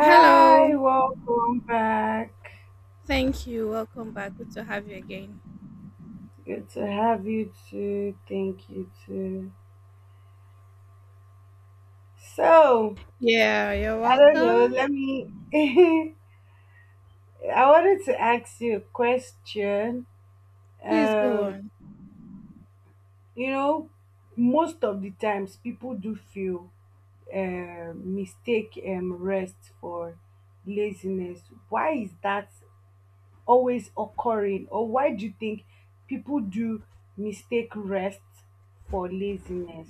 Hello. welcome back. Thank you. Welcome back. Good to have you again. Good to have you too. Thank you too. So, Yeah, you're I don't know, welcome. let me I wanted to ask you a question. Please go Um, on. you know, most of the times people do feel mistake rest for laziness. Why is that always occurring or why do you think people do mistake rest for laziness?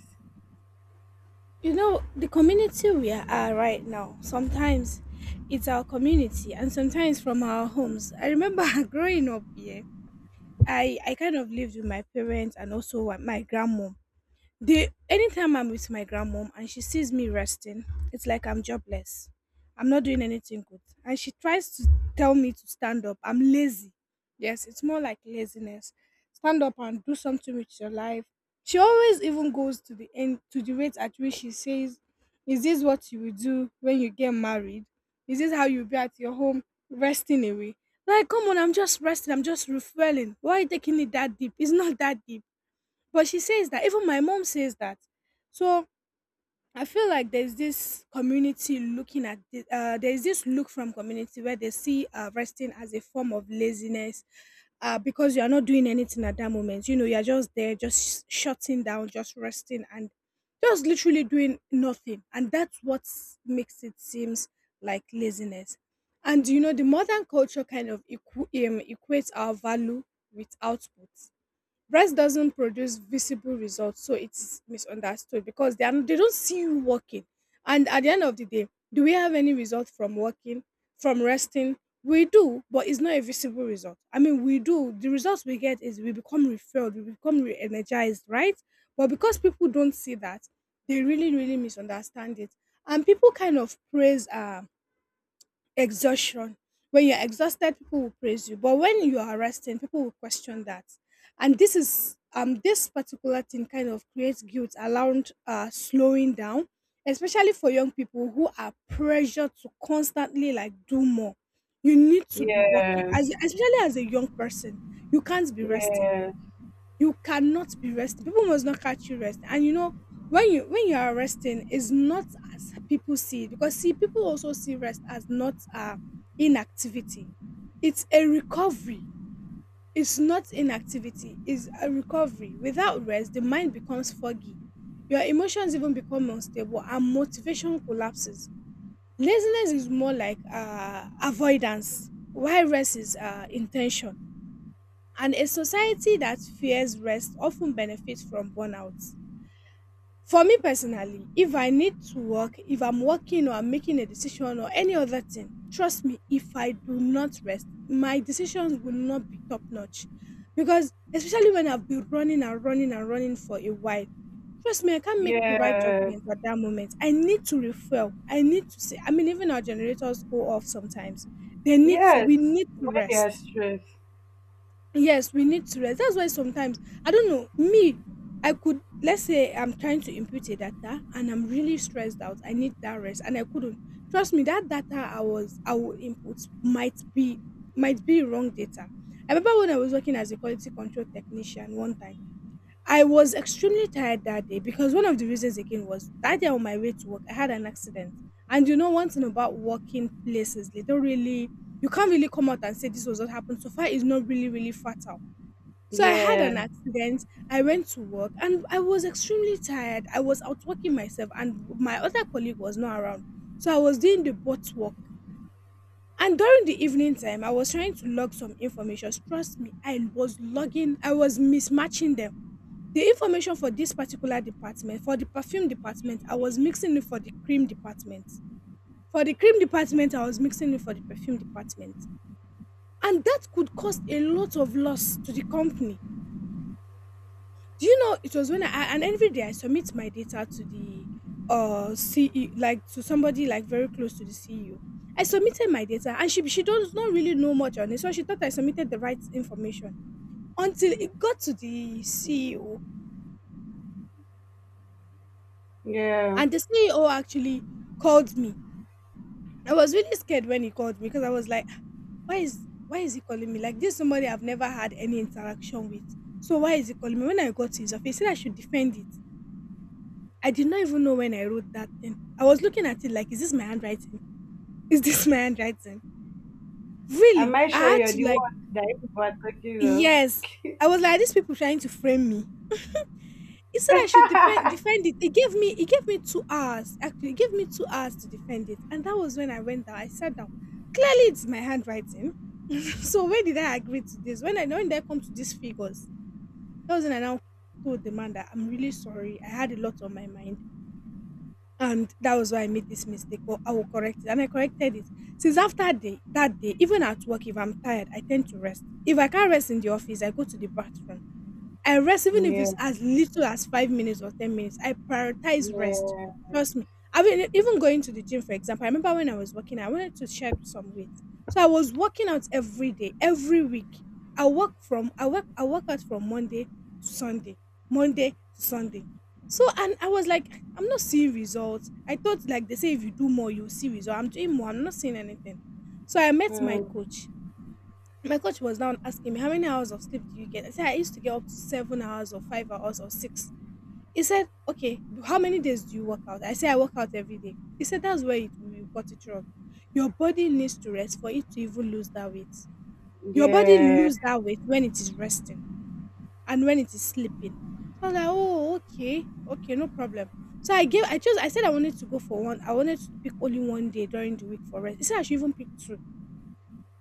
You know, the community we are right now, sometimes it's our community and sometimes from our homes. I remember growing up here, I kind of lived with my parents and also my grandma. They anytime I'm with my grandmom and she sees me resting, it's like I'm jobless. I'm not doing anything good. And she tries to tell me to stand up. I'm lazy. Yes, it's more like laziness. Stand up and do something with your life. She always even goes to the end to the rate at which she says, is this what you will do when you get married? Is this how you'll be at your home resting away? Like, come on, I'm just resting, I'm just refueling. Why are you taking it that deep? It's not that deep, but she says that, even my mom says that. So I feel like there's this community looking at the, there's this look from community where they see resting as a form of laziness, because you are not doing anything at that moment. You know, you are just there, just shutting down, just resting, and just literally doing nothing. And that's what makes it seems like laziness. And you know, the modern culture kind of equates our value with output. Rest doesn't produce visible results, so it's misunderstood because they don't see you working. And at the end of the day, do we have any result from working, from resting? We do, but it's not a visible result. I mean, we do. The results we get is we become refilled, we become re energized, right? But because people don't see that, they really, really misunderstand it. And people kind of praise exhaustion. When you're exhausted people will praise you, but when you are resting people will question that. And this is this particular thing kind of creates guilt around slowing down, especially for young people who are pressured to constantly like do more. You need to be working Yes, as especially as a young person, you can't be resting, yes, you cannot be resting. People must not catch you rest. And you know, when you are resting, is not as people see it. Because see, people also see rest as not inactivity. It's a recovery. It's not inactivity, it's a recovery. Without rest, the mind becomes foggy. Your emotions even become unstable and motivation collapses. Laziness is more like avoidance, while rest is intention, and a society that fears rest often benefits from burnout. For me personally, if I need to work, if I'm working or I'm making a decision or any other thing, trust me, if I do not rest, my decisions will not be top notch. Because especially when I've been running and running and running for a while, trust me, I can't make the right yes, judgment at that moment. I need to refuel. I need to say, I mean, even our generators go off sometimes. They need to, yes. we need to When they are rest. stressed, Yes, we need to rest. That's why sometimes I don't know me. I could, let's say I'm trying to input a data and I'm really stressed out. I need that rest and I couldn't. Trust me, that data I will input might be, might be wrong data. I remember when I was working as a quality control technician one time. I was extremely tired that day because one of the reasons again was that day on my way to work I had an accident. And you know one thing about working places, they don't really, you can't really come out and say this was what happened. So far it's not really, really fatal, so I had yeah, an accident. I went to work and I was extremely tired. I was outworking myself and my other colleague was not around. So I was doing the bot work. And during the evening time, I was trying to log some information. Trust me, I was logging, I was mismatching them. The information for this particular department, for the perfume department, I was mixing it for the cream department. For the cream department, I was mixing it for the perfume department. And that could cost a lot of loss to the company. Do you know it was when I, and every day I submit my data to the CEO, like to somebody like very close to the CEO. I submitted my data and she does not really know much on it, so she thought I submitted the right information until it got to the CEO yeah. and the CEO actually called me. I was really scared when he called me because I was like, why is he calling me like this? Is somebody I've never had any interaction with, so why is he calling me? When I got to his office, he said I should defend it. I did not even know when I wrote that thing. I was looking at it like, is this my handwriting? Is this my handwriting? Really? Am I I sure had you're to the like, one that people are talking of? yes. I was like, these people trying to frame me. He said I should defend it. It gave me 2 hours. Actually, it gave me 2 hours to defend it. And that was when I went down. I sat down. Clearly it's my handwriting. So when did I agree to this? When did I come to these figures? That was when I now told the man that I'm really sorry. I had a lot on my mind, and that was why I made this mistake. But I will correct it, and I corrected it. Since after day that day, even at work, if I'm tired, I tend to rest. If I can't rest in the office, I go to the bathroom. I rest even if Yeah, it's as little as 5 minutes or 10 minutes. I prioritize rest. yeah, Trust me. I mean, even going to the gym, for example, I remember when I was working, I wanted to shed some weight, so I was working out every day, every week. I work out from Monday to Sunday, Monday to Sunday. So and I was like, I'm not seeing results. I thought like they say if you do more, you'll see results. I'm doing more. I'm not seeing anything. So I met my mm, coach. My coach was now asking me, how many hours of sleep do you get? I said, I used to get up to 7 hours or 5 hours or six. He said, okay, how many days do you work out? I said, I work out every day. He said, that's where you got it wrong. Your body needs to rest for it to even lose that weight. Your body yeah, lose that weight when it is resting and when it is sleeping. So I was like, oh, okay, okay, no problem. So I chose, I said I wanted to go for one. I wanted to pick only one day during the week for rest. He said I should even pick two.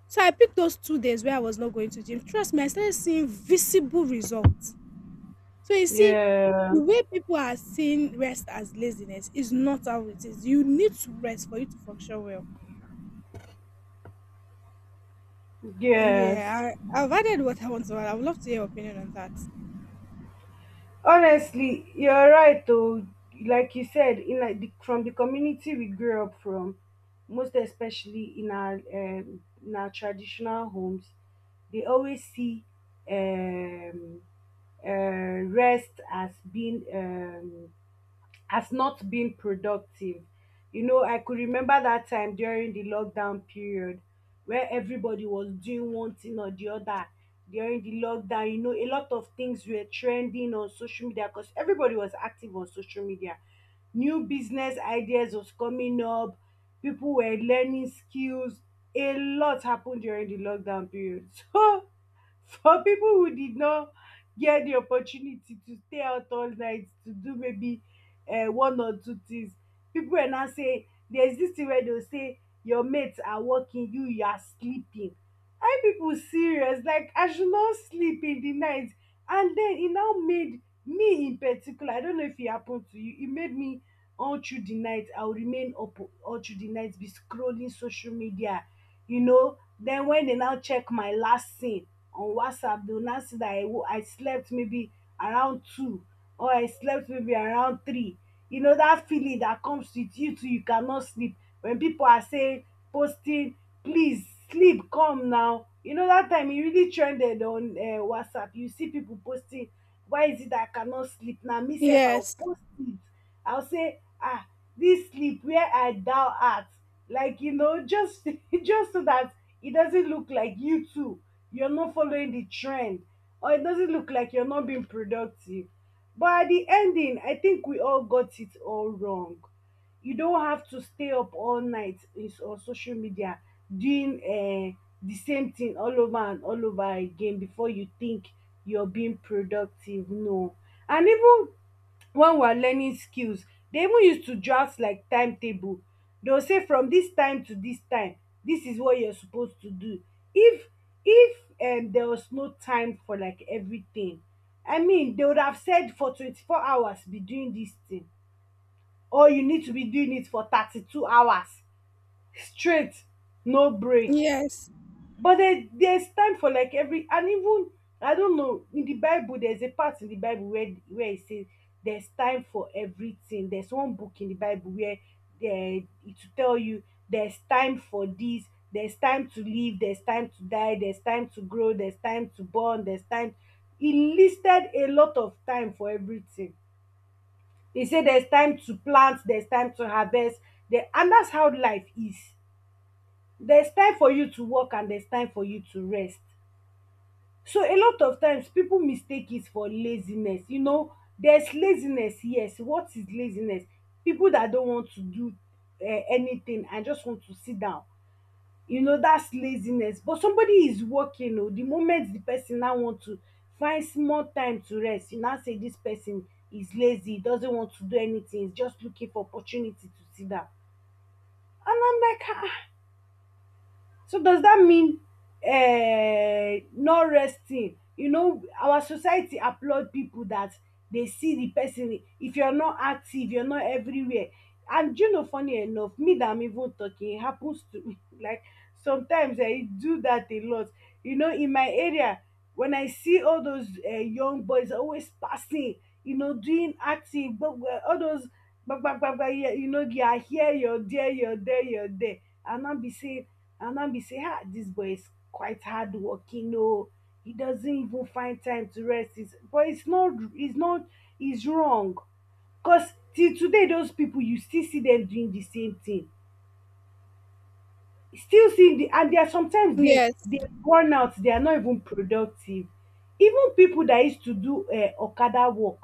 So I picked those 2 days where I was not going to gym. Trust me, I started seeing visible results. So you see, yeah, the way people are seeing rest as laziness is not how it is. You need to rest for you to function well. yes. Yeah, I've added what I want to add. I would love to hear your opinion on that. Honestly, you're right though. Like you said, in like the, from the community we grew up from, most especially in our traditional homes, they always see um, uh, rest as being as not being productive. You know, I could remember that time during the lockdown period where everybody was doing one thing or the other during the lockdown. You know, a lot of things were trending on social media because everybody was active on social media. New business ideas was coming up, people were learning skills. A lot happened during the lockdown period. So for people who did not get the opportunity to stay out all night to do maybe one or two things, people were now saying, there's this thing wey dey go say your mates are working, you are sleeping. Are people serious? Like, I should not sleep in the night? And then e now made me in particular, I don't know if it happened to you, e made me, all through the night I will remain up, all through the night be scrolling social media. You know, then when they now check my last scene on WhatsApp, they will now see that I slept maybe around 2, or I slept maybe around 3. You know, that feeling that comes with you too, you cannot sleep. When people are saying, posting, please sleep, come now. You know, that time it really trended on WhatsApp. You see people posting, why is it that I cannot sleep? Now, myself, I'll Yes, post it. I'll say, ah, this sleep where I thou art. Like, you know, just just so that it doesn't look like you too, you're not following the trend, or it doesn't look like you're not being productive. But at the ending, I think we all got it all wrong. You don't have to stay up all night on social media doing the same thing all over and all over again before you think you're being productive. No. And even when we are learning skills, dey even use to draft like timetable, dey go say from this time to this time this is what you're supposed to do. If if um there was no time for like everything, I mean they would have said for 24 hours be doing this thing, or you need to be doing it for 32 hours straight, no break. yes, But there's time for like every, and even, I don't know, in the Bible there's a part in the Bible where it says there's time for everything. There's one book in the Bible where there it will tell you, there's time for this, there's time to live, there's time to die, there's time to grow, there's time to born, there's time. It listed a lot of time for everything. They say there's time to plant, there's time to harvest, there, and that's how life is. There's time for you to work and there's time for you to rest. So a lot of times people mistake it for laziness. You know, there's laziness, yes. What is laziness? People that don't want to do anything and just want to sit down. You know, that's laziness. But somebody is working, oh, the moment the person now want to find small time to rest, you now say this person is lazy, doesn't want to do anything, is just looking for opportunity to sit down. And I'm like, ah, so does that mean not resting? You know, our society applaud pipu dat dey see the pesin. If you're not active, you're not everywhere. And do you know, funny enough, me that I'm even talking, it happens to me. Like, sometimes I do that a lot. You know, in my area, when I see all those young boys always passing, you know, doing acting, but all those, but, yeah, you know, you're here, you're there, you're there, you're there. And I'll be saying, and I'll be saying, ah, this boy is quite hard working, oh, he doesn't even find time to rest. But it's not, it's wrong. Cause till today those people you still see them doing the same thing, still seeing the, and they are, sometimes they yes, they burn out, they are not even productive. Even people that used to do okada work,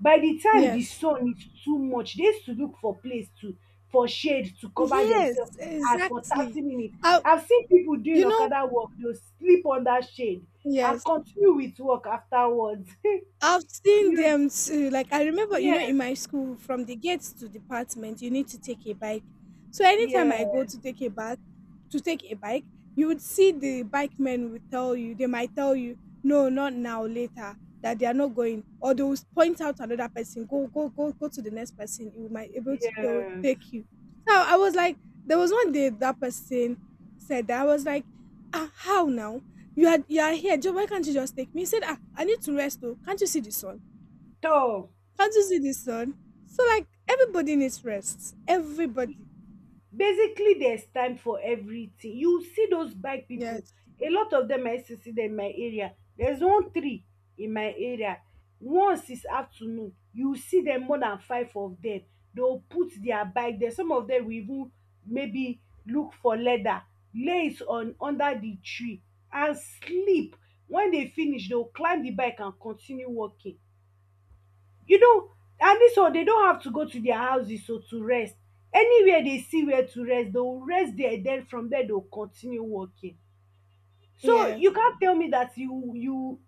by the time the yes, sun is too much they used to look for place to for shade to cover yes, themselves and for exactly. 30 minutes. Uh, I've seen people doing you know, okada work, they will sleep under shade and yes, continue with work afterwards. I've seen them too. Like I remember, you know, in Yes, my school, from the gates to department, you need to take a bike. So anytime I go yes, to take a bike, to take a bike, you would see the bike men would tell you. They might tell you, no, not now, later, that they are not going, or they will point out another person. Go, go, go, go to the next person. You might able yeah, to they will yes. take you. So I was like, there was one day that person said that I was like, ah, how now? You are here, Joe. Why can't you just take me? He said, ah, I need to rest though. Can't you see the sun? Tor, Can't you see the sun? So like everybody needs rest. Everybody. basically there's time for everything. You see those bike people, Yes. a lot of them, I used to see them in my area. There's one tree in my area, once is afternoon you see them, more than five of them. They'll put their bike there, some of them will even maybe look for leather, lay it on under the tree and sleep. When they finish they'll climb the bike and continue walking, you know. And this one, they don't have to go to their houses so to rest. Anywhere they see where to rest, they will rest there, then from there they'll continue working. So Yeah. you can't tell me that you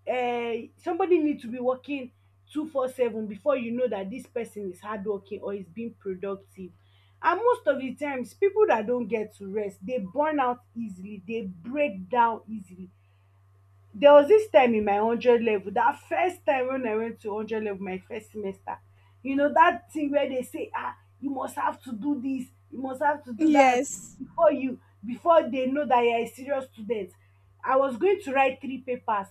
you somebody need to be working 24/7 before you know that this person is hardworking or is being productive. And most of the times, people that don't get to rest, they burn out easily, they break down easily. There was this time in my hundred level, that first time when I went to hundred level, my first semester, you know that thing where they say, ah, you must have to do this, you must have to do that Yes. before you before they know that you are a serious student. I was going to write three papers.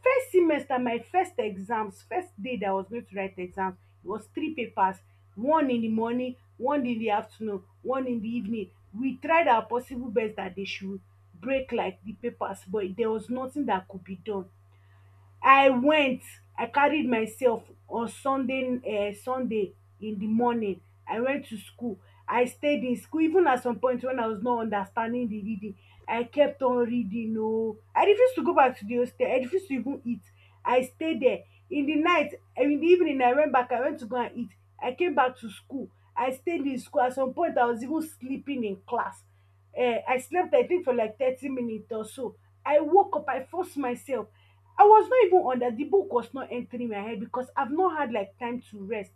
First semester, my first exams, first day that I was going to write exams, it was three papers, one in the morning, one in the afternoon, one in the evening. We tried our possible best that they should break like the papers, but there was nothing that could be done. i went I carried myself on Sunday, um sunday in the morning. I went to school, I stayed in school. Even at some point when I was not understanding the reading, I kept on reading. Oh, I refused to go back to the hostel, I refused to even eat. I stayed there. In the night, in the evening, I went back, I went to go and eat. I came back to school, I stayed in school. At some point I was even sleeping in class. Eh, I slept I think for like 30 minutes or so. I woke up, I forced myself. I was not even on that. The book was not entering my head because I've not had like time to rest.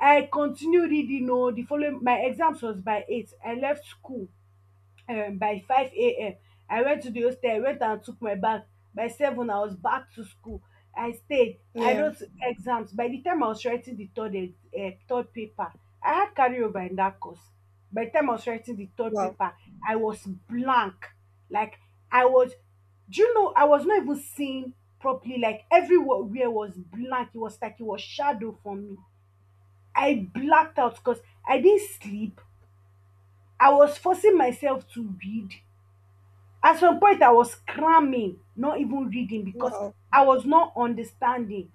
I continued reading. No, the following, my exams was by eight. I left school by 5 a.m. I went to the hostel, went and took my bag. By seven I was back to school. I stayed, I Yeah. wrote exams. By the time I was writing the third paper, I had carryover in that course. By the time I was writing the third Wow. paper, I was blank. Like, I was, do you know, I was not even seeing properly. Like, everywhere was blank, it was like it was shadow for me. I blacked out because I didn't sleep, I was forcing myself to read. At some point I was cramming, not even reading because Wow. I was not understanding.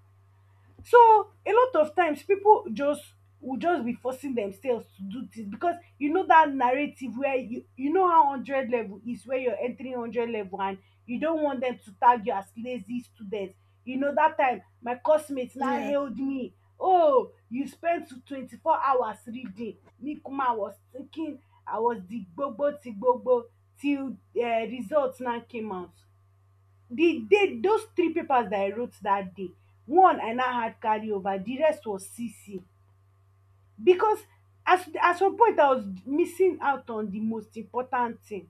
So a lot of times, pipu just will just be forcing themselves to do things, because you know dat narrative where you know how hundred level is when you're entering hundred level, and you don't want dem to tag you as lazy student. You know dat time my course mate now Yeah. hailed me, "Oh you spent 24 hours reading." Me kuma I was thinking I was the gbogbo ti gbogbo till result now came out. The day those three papers that I wrote that day, one I now had carry over, the rest was cc, because as at some point I was missing out on the most important thing.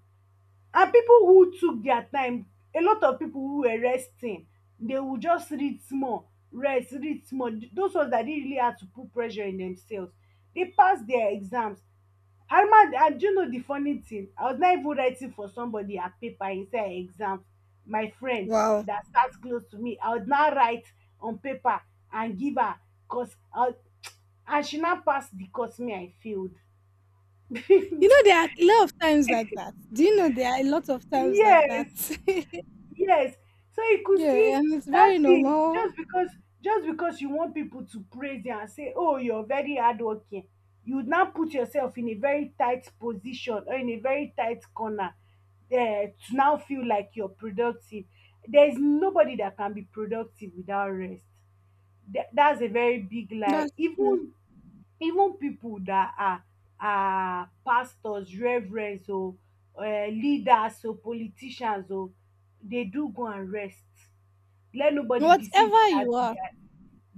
And people who took their time, a lot of people who were resting, they would just read small rest read small. Those ones that didn't really had to put pressure in themselves, they passed their exams. And do you know the funny thing, I was not even writing for somebody her paper inside her exam. My friend Wow. that sat close to me, I would now write on paper and give her, cause I and she now pass the course, me I failed. You know, there are a lot of times like that. Do you know there are a lot of times like that? Yes. Yes. So you could Yeah, see. and it's very That's it. normal. Just because you want people to praise you and say, "Oh, you're very hardworking," you would now put yourself in a very tight position or in a very tight corner there to now feel like you're productive. There's nobody that can be productive without rest. That's a very big lie. That's true. Even people that are pastors, reverends oh, leaders oh, politicians oh, dey do go and rest. Let nobody deceive you Whatever dat. you are,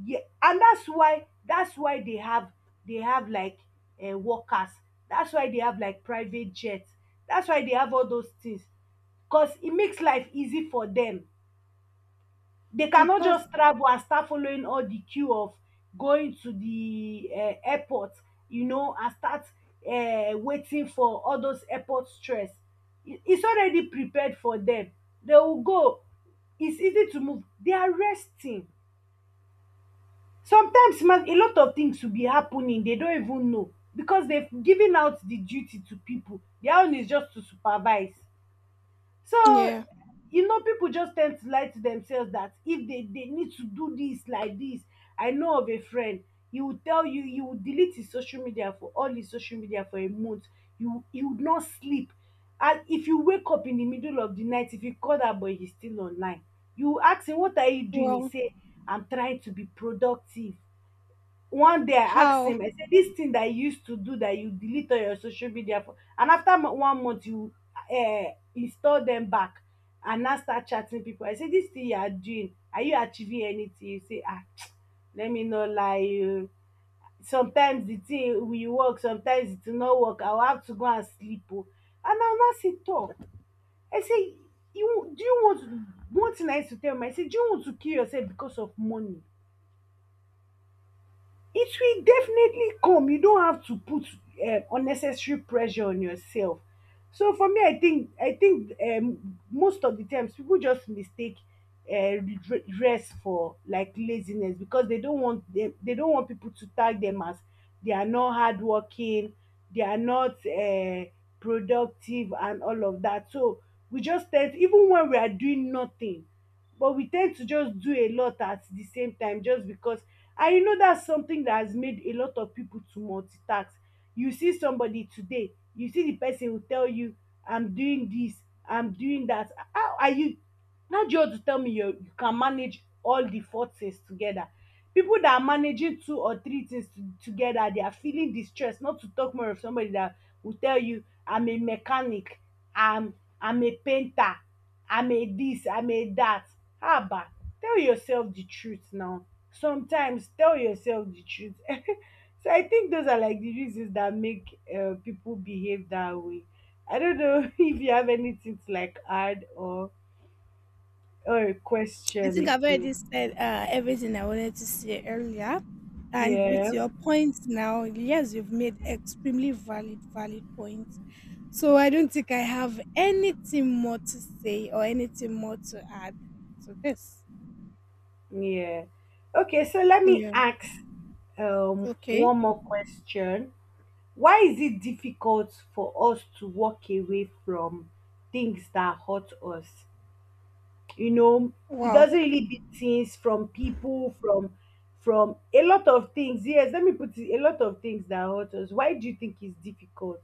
Yeah, and that's why they have like, workers, that's why they have like private jet, that's why they have all those things, cause it makes life easy for dem. They it cannot does. just travel and start following all the queue of going to the airport, and start waiting for all those airport stress. It's already prepared for them. They will go. It's easy to move. They are resting. Sometimes man, a lot of things will be happening. They don't even know, because they've given out the duty to people. Their own is just to supervise. So, Yeah. People just tend to lie to themselves that if they need to do this like this. I know of a friend, he will tell you, he will delete his social media for all his social media for a month. You would not sleep. And if you wake up in the middle of the night, if you call that boy, he's still online. You ask him, "What are you doing?" He Well, say, "I'm trying to be productive." One day I ask how? him, I say, this thing that you used to do, that you delete all your social media for and after one month you uh, install them back and now start chatting people, I say, this thing you are doing, are you achieving anything? You say, ah, let me not lie you, sometimes the thing will work, sometimes it will not work, I will have to go and sleep. Oh, and I will now say talk, I say, you do you want to one thing I used to tell him, I say, do you want to kill yourself because of money? It will definitely come. You don't have to put unnecessary pressure on yourself. So for me, I think most of the times people just mistake rest for like laziness, because they don't want, people to tag them as they are not hardworking, they are not productive, and all of that. So we just tend even when we are doing nothing, but we tend to just do a lot at the same time just because, and you know that's something that has made a lot of people to multitask. You see somebody today, you see the person will tell you, I'm doing this, I'm doing that. How are you? Now you have to tell me you can manage all the four things together. People that are managing two or three things together, they are feeling distressed. Not to talk more of somebody that will tell you, I'm a mechanic, I'm I'm a painter, I'm a this, I'm a that. Haba, tell yourself the truth now. Sometimes tell yourself the truth. So I think those are like the reasons that make people behave that way. I don't know if you have anything to like add, or a I question think I've already again. said everything I wanted to say earlier. And with Yeah, your points now, yes, you've made extremely valid, valid points. So I don't think I have anything more to say or anything more to add to this. yeah. Okay, so let me Yeah. ask Okay. one more question. Why is it difficult for us to walk away from things that hurt us? You know, it Wow. doesn't really be things from people, from a lot of things. Yes, let me put it, a lot of things that hurt us. Why do you think it's difficult?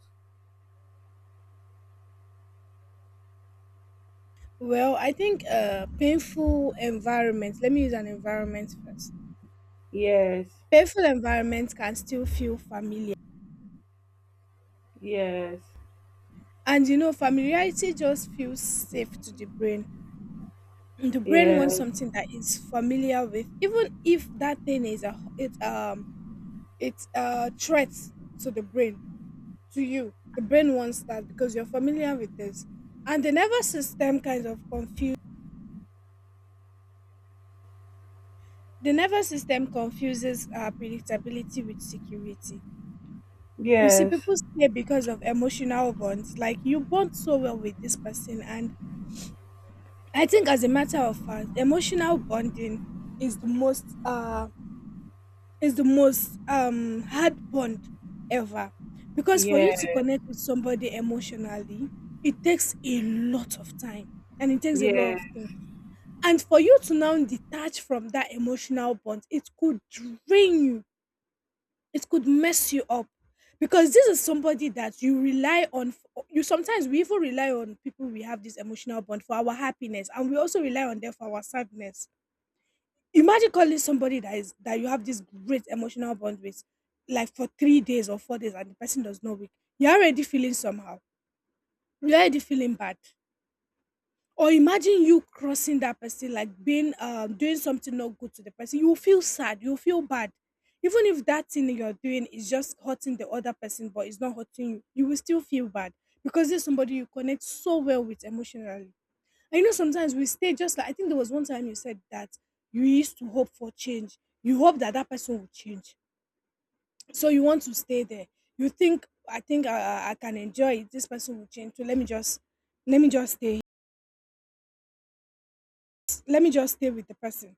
Well, I think painful environments, let me use an environment first. Yes, Painful environments can still feel familiar. yes, And familiarity just feels safe to The brain wants yes, something that is familiar with, even if that thing is a it's a threat to the brain, to you. The brain wants that because you're familiar with this, and the nervous system kind of confuse the nervous system confuses predictability with security. You see, yes, people stay because of emotional bonds. Like, you bond so well with this person, and I think, as a matter of fact, emotional bonding is the most hard bond ever. Because for you to yes, connect with somebody emotionally, it takes a lot of time, and it takes a lot yes, of yes, things. And for you to now detach from that emotional bond, it could drain you, it could mess you up. Because this is somebody that you rely on for, you sometimes, we even rely on people we have this emotional bond for our happiness, and we also rely on them for our sadness. Imagine calling somebody that you have this great emotional bond with, like for 3 days or 4 days, and the person does not wake. You're already feeling somehow. You're already feeling bad. Or imagine you crossing that person, like being doing something not good to the person. You will feel sad. You will feel bad. Even if that thing you're doing is just hurting the other person, but it's not hurting you, you will still feel bad because there's somebody you connect so well with emotionally. I know sometimes we stay. Just like, I think there was one time you said that you used to hope for change. You hope that that person will change, so you want to stay there. You think, I think, I can enjoy it. This person will change, so let me just stay. Let me just stay with the person.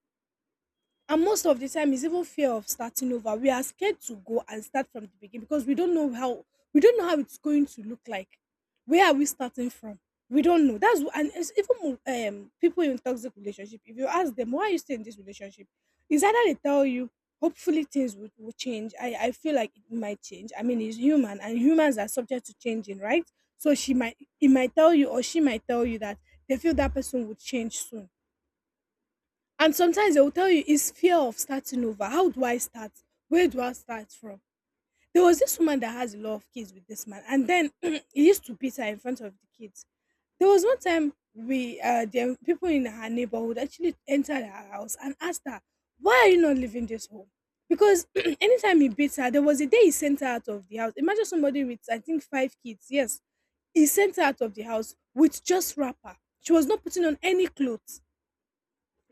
And most of the time, it's even fear of starting over. We are scared to go and start from the beginning, because we don't know how it's going to look like. Where are we starting from? We don't know. And it's even more, people in toxic relationship. If you ask them why are you still in this relationship, it's either they tell you hopefully things will change. I feel like it might change. I mean, it's human and humans are subject to changing, right? So she might it might tell you, or she might tell you that they feel that person would change soon. And sometimes they will tell you it's fear of starting over. How do I start? Where do I start from? There was this woman that has a lot of kids with this man, and then he used to beat her in front of the kids. There was one time we the people in her neighborhood actually entered her house and asked her, why are you not leaving this home? Because anytime he beats her, there was a day he sent her out of the house. Imagine somebody with I think five kids, yes. He sent her out of the house with just wrapper. She was not putting on any clothes,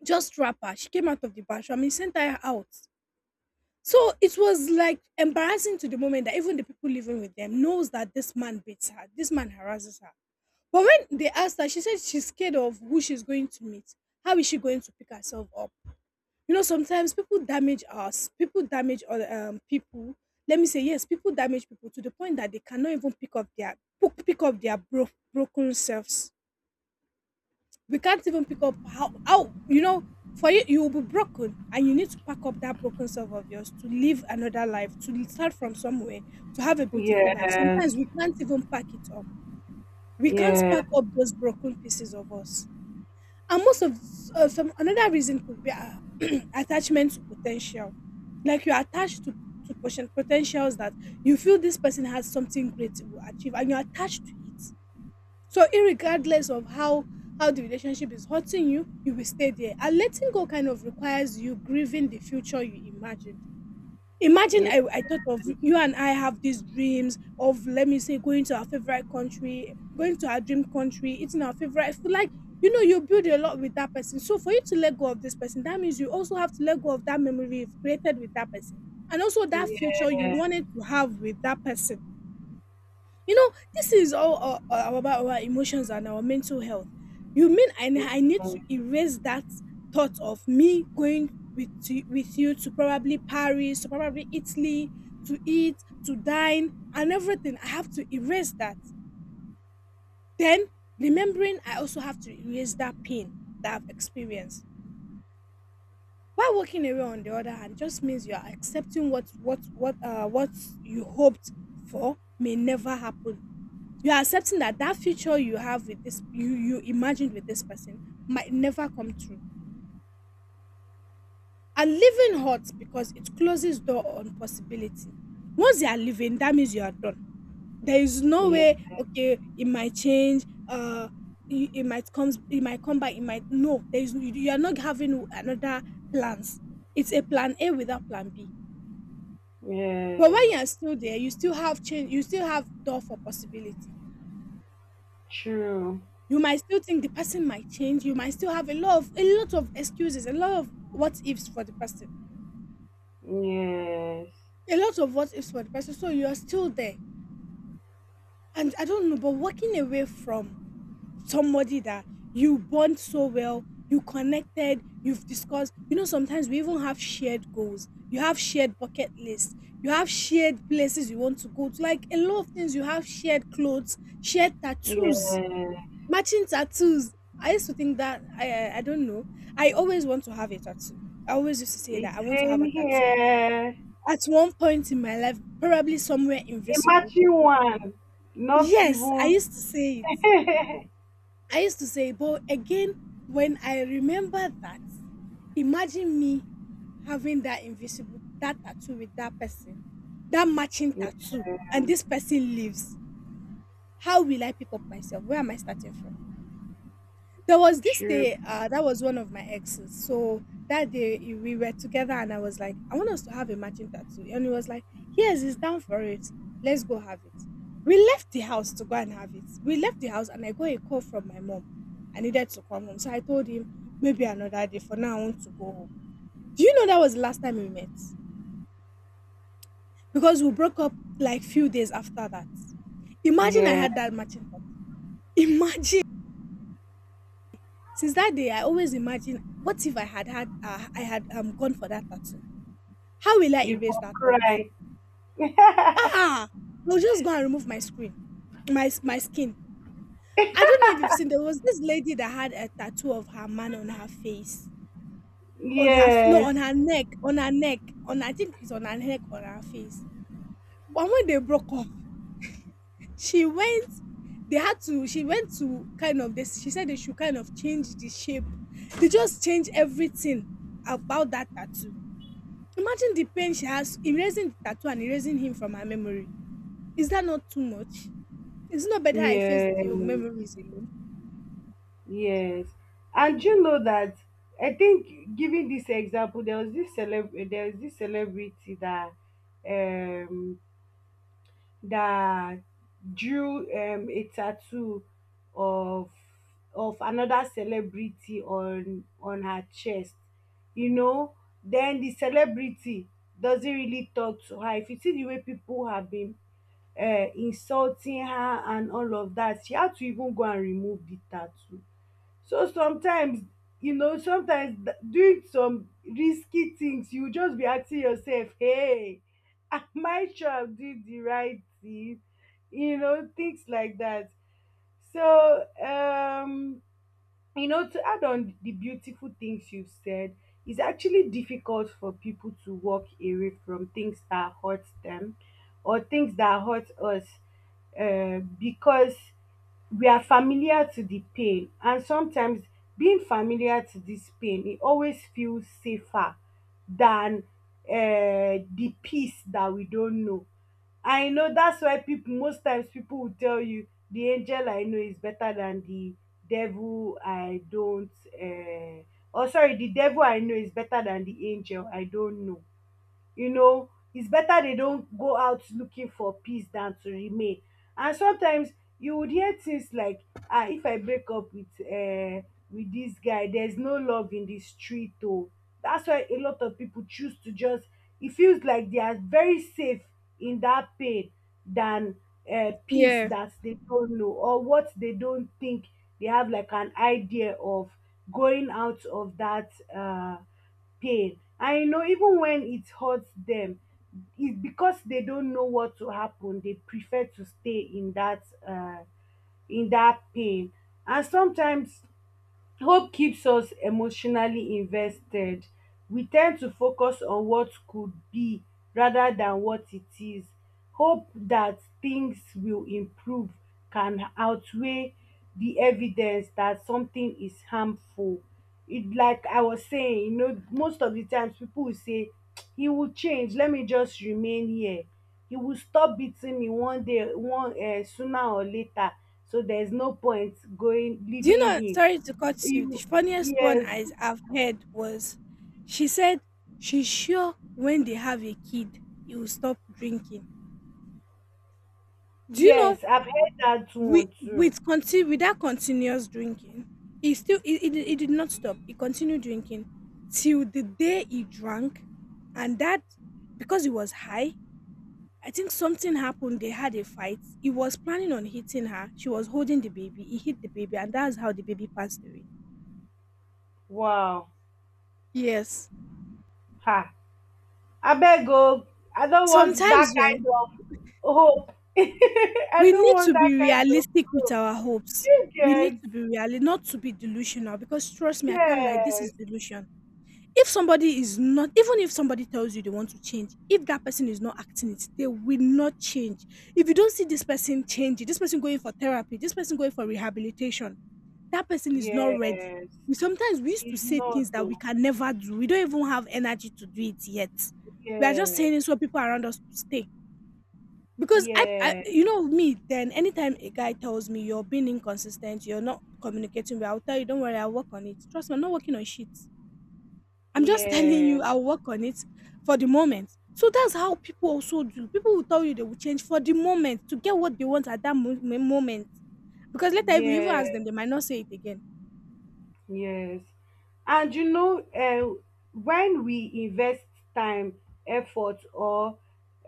just wrap her. She came out of the bathroom. He sent her out. So it was like embarrassing to the moment that even the people living with them knows that this man beats her, this man harasses her. But when they asked her, she said she's scared of who she's going to meet. How is she going to pick herself up? Sometimes people damage us, people damage other people. Let me say, yes, people damage people to the point that they cannot even pick up their broken selves. We can't even pick up how. For you will be broken, and you need to pack up that broken self of yours to live another life, to start from somewhere, to have a beautiful yes, life. yes, Sometimes we can't even pack it up. We can't pack up those broken pieces of us. And most of Some another reason could be attachment to potential. Like you're attached to potentials that you feel this person has something great to achieve, and you're attached to it, so irregardless of how the relationship is hurting you, you will stay there. And letting go kind of requires you grieving the future you imagined. Imagine I thought of you, and I have these dreams of, let me say, going to our favorite country, going to our dream country, eating our favorite food. Like, you build a lot with that person. So for you to let go of this person, that means you also have to let go of that memory you've created with that person. And also that future you wanted to have with that person you know, this is all about our emotions and our mental health. You mean I need to yes, erase that thought of me going with you, to probably Paris, to probably Italy, to eat, to dine, and everything. I have to erase that. Then remembering, I also have to erase that pain that I've experienced. While walking away, on the other hand, just means you are accepting what you hoped for may never happen. You're accepting that that future you have with this, you imagined with this person, might never come true. And leaving hurts because it closes door on possibility. Once you are leaving, that means you are done. There is no yeah, way. Okay, it might change. It might comes, it might come back, it might no, there is, you are not having another plans. It's a plan a without plan b. yeah, But when you yes, are still there, you still have change, you still have door for possibility. true. You might still think the person might change. You might still have a lot of excuses, a lot of what ifs for the person, Yes. a lot of what ifs for the person, so you're still there. And I don't know, but walking away from somebody that you bond so well, you connected, you've discussed, sometimes we even have shared goals, you have shared bucket lists, you have shared places you want to go to, like a lot of things. You have shared clothes, shared tattoos, Yeah. matching tattoos. I used to think that I don't know. I always want to have a tattoo. I always used to say It's that I want to have same a tattoo. here. At one point in my life, probably somewhere invisible. Imagine one. Not Yes, I even used to say it. I used to say, but again, when I remember that, imagine me having that tattoo with that person, that matching yeah, tattoo, and this person lives. How will I pick up myself? Where am I starting from? There was this true. day, that was one of my exes. So that day, we were together, and I was like, I want us to have a matching tattoo. And he was like, yes, he's down for it. Let's go have it. We left the house to go and have it. We left the house, and I got a call from my mom. I needed to come home. So I told him, maybe another day. For now, I want to go home. Do you know that was the last time we met? Because we broke up like few days after that. Imagine I Yeah. had that matching tattoo. Imagine. Since that day, I always imagine, what if I had gone for that tattoo? How will I You erase for that thought? cry. Ah, I'll just go and remove my screen, my skin. I don't know if you've seen. There was this lady that had a tattoo of her man on her face, no, on Yes. her neck, on her neck, on I think it's on her neck, on her face. But when they broke up, she went. They had to. She went to kind of this. She said they should kind of change the shape. They just change everything about that tattoo. Imagine the pain she has erasing the tattoo and erasing him from her memory. Is that not too much? Is it not better I face Yes. the memories alone? Yes. And you know that, I think giving this example, there was this celebrity that um that drew a tattoo of of another celebrity on her chest, you know. Then the celebrity doesn't really talk to her, if you see the way people have been insulting her and all of that, she had to even go and remove the tattoo. So sometimes, doing some risky things, you just be asking yourself, hey, am I sure I'm doing the right thing? You know, things like that. So, to add on the beautiful things you've said, it's actually difficult for people to walk away from things that hurt them, or things that hurt us, because we are familiar to the pain. And sometimes, being familiar to this pain, it always feels safer than the peace that we don't know. I know that's why people, most times people will tell you, the angel I know is better than the devil I don't, uh, oh sorry, the devil I know is better than the angel I don't know. you know it's better they don't go out looking for peace than to remain. And sometimes you would hear things like, ah, if I break up with, this guy, there's no love in the street oh. That's why a lot of people choose to just, it feels like they are very safe in that pain than peace Yeah. that they don't know, or what they don't think they have like an idea of, going out of that pain. And you know, even when it hurts them, it's because they don't know what to happen, they prefer to stay in that, pain. And sometimes, hope keeps us emotionally invested. We tend to focus on what could be rather than what it is. Hope that things will improve can outweigh the evidence that something is harmful. It, like I was saying, most of the times people will say, he will change, let me just remain here. He will stop beating me one day, one sooner or later. So there's no point going Do you leaving know? him Sorry to cut you. The you funniest one Yes, I have heard was, she said she's sure when they have a kid, he will stop drinking. Do you know? yes, I've heard that With, one too. with, conti- with that continuous drinking, he still he did not stop. He continued drinking till the day he drank, and that, because he was high, I think something happened. They had a fight. He was planning on hitting her. She was holding the baby. He hit the baby, and that's how the baby passed away. Wow. Yes. Ha. I Abeg oh, I don't want that Sometimes kind of hope. I we don't need want to that be kind of realistic with hope. our hopes. You We get, need to be real, not to be delusional. Because trust me, I can't lie. This is yes, delusion. If somebody is not, even if somebody tells you they want to change, if that person is not acting it, they will not change. If you don't see this person changing, this person going for therapy, this person going for rehabilitation, that person is not ready. yes. We sometimes we used to It's say not things that we oh. can never do. We don't even have energy to do it yet. We are just Yes, saying it so people around us could stay. Because I yes, you know me, then anytime a guy tells me you're being inconsistent, you're not communicating well, I'll tell you, don't worry, I'll work on it. Trust me, I'm not working on shit. I'm just telling you yes, I'll work on it for the moment. So that's how people also do. People will tell you they will change for the moment to get what they want at that moment. Because later, if you even ask yes. them, they might not say it again. Yes, and when we invest time, effort, or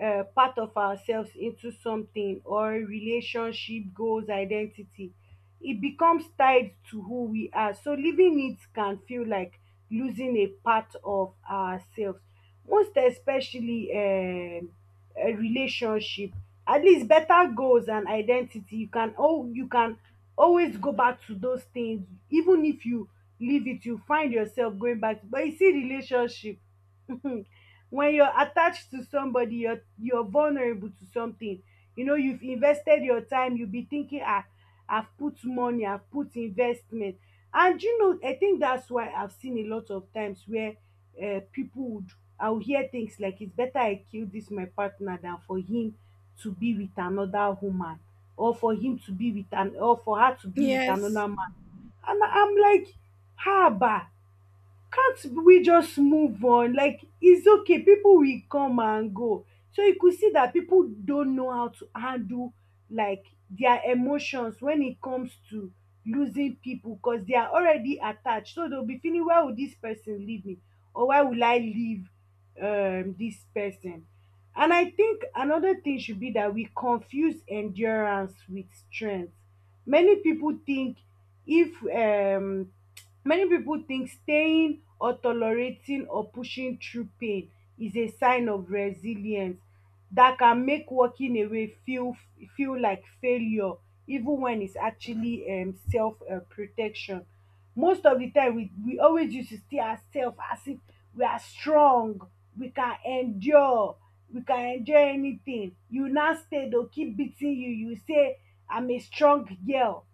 part of ourselves into something or relationship, goals, identity, it becomes tied to who we are. So leaving it can feel like losing a part of ourselves, most especially a relationship. At least better goals and identity you can, always go back to those things even if you leave it, you find yourself going back. But you see relationship, when you're attached to somebody, you're vulnerable to something. You know, you've invested your time, you'll be thinking, ah, I've put money, I've put investment. And I think that's why I've seen a lot of times where people would, I'll hear things like, it's better I kill this my partner than for him to be with another woman, or for her to be with Yes. another man. And I'm like, haba, can't we just move on? Like it's okay, people will come and go. So you could see that people don't know how to handle like their emotions when it comes to losing people, because they are already attached. So they'll be feeling, why would this person leave me? Or why will I leave this person? And I think another thing should be that we confuse endurance with strength. Many people think, if many people think staying or tolerating or pushing through pain is a sign of resilience, that can make walking away feel like failure, even when it's actually self protection. Most of the time, we always used to see ourselves as if we are strong, we can endure, we can endure anything. You now stay, they'll keep beating you. You say, I'm a strong girl.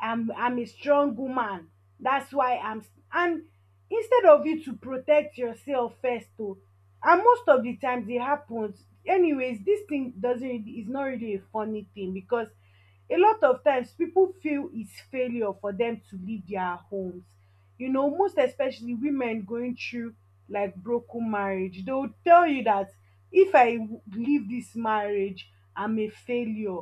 I'm a strong woman. That's why I'm and instead of you to protect yourself first oh. And most of the times it happens. Anyways, this thing doesn't really, is not really a funny thing, because a lot of times people feel it's failure for them to leave their homes, most especially women going through like broken marriage, they'll tell you that, if I leave this marriage, I'm a failure.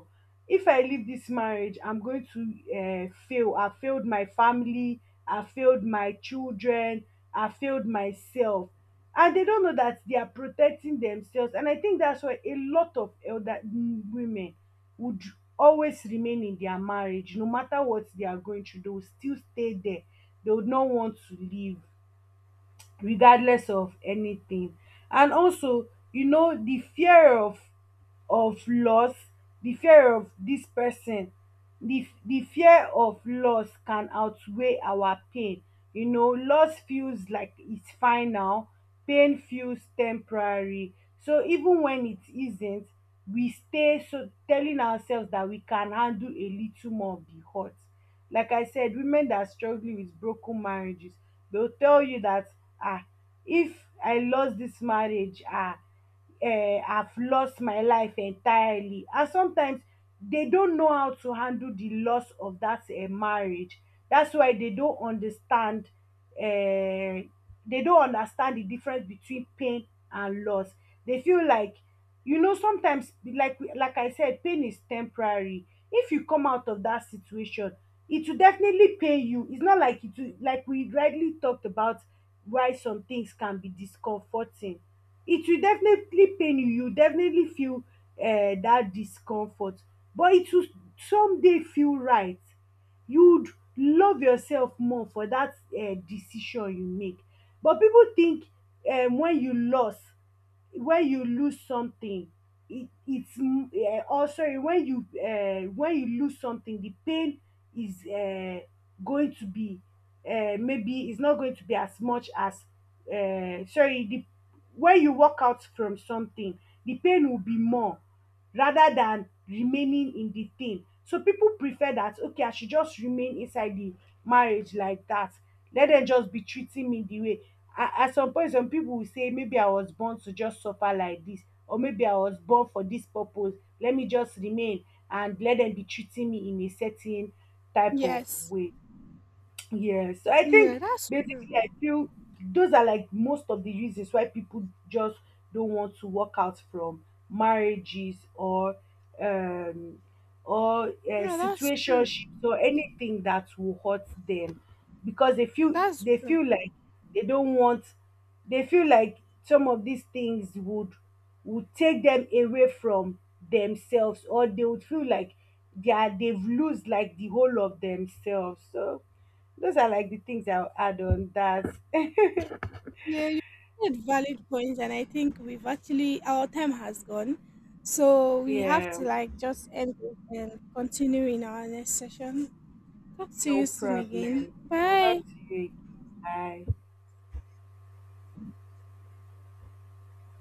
If I leave this marriage, I'm going to fail. I failed my family, I failed my children, I failed myself. And they don't know that they are protecting themselves. And I think that's why a lot of elder women would always remain in their marriage, no matter what they are going through, they will still stay there. They would not want to leave, regardless of anything. And also, the fear of, loss, the fear of this person, the fear of loss can outweigh our pain. Loss feels like it's final, pain feels temporary, so even when it isn't, we stay, so telling ourselves that we can handle a little more of the hurt. Like I said, women that are struggling with broken marriages, they'll tell you that, ah, if I lost this marriage, have lost my life entirely. And sometimes they don't know how to handle the loss of that marriage. That's why um they don't understand the difference between pain and loss. They feel like, sometimes, like I said, pain is temporary, if you come out of that situation, it will definitely pain you, it's not like it will, like we rightly talked about, why some things can be discomforting, it will definitely pain you definitely feel that discomfort. But it will someday feel right, you'd love yourself more for that decision you make. But people think, when you loss, when you lose something, it's or sorry, when you lose something, the pain is going to be, maybe is not going to be as much as, sorry, the when you walk out from something, the pain will be more rather than remaining in the thing. So people prefer that, okay, I should just remain inside the marriage like that, let them just be treating me the way, at some point some people will say, maybe I was born to just suffer like this, or maybe I was born for this purpose, let me just remain and let them be treating me in a certain type of Yes. way. Yeah, so I Yeah, think that's true. basically I feel those are like most of the reasons why people just don't want to walk out from marriages or um Yeah, that's true. situationships or anything that will hurt them, because That's they true. feel like they don't want they feel like some of these things would, take them away from themselves, or they would feel like they've lose like the whole of themselves. So those are like the things I'll add on that. Yeah, you made valid points, and I think we've actually our time has gone, so we have Yeah, to like just end it and continue in our next session. Talk to no you soon again. problem. Bye. Talk to you again. Bye.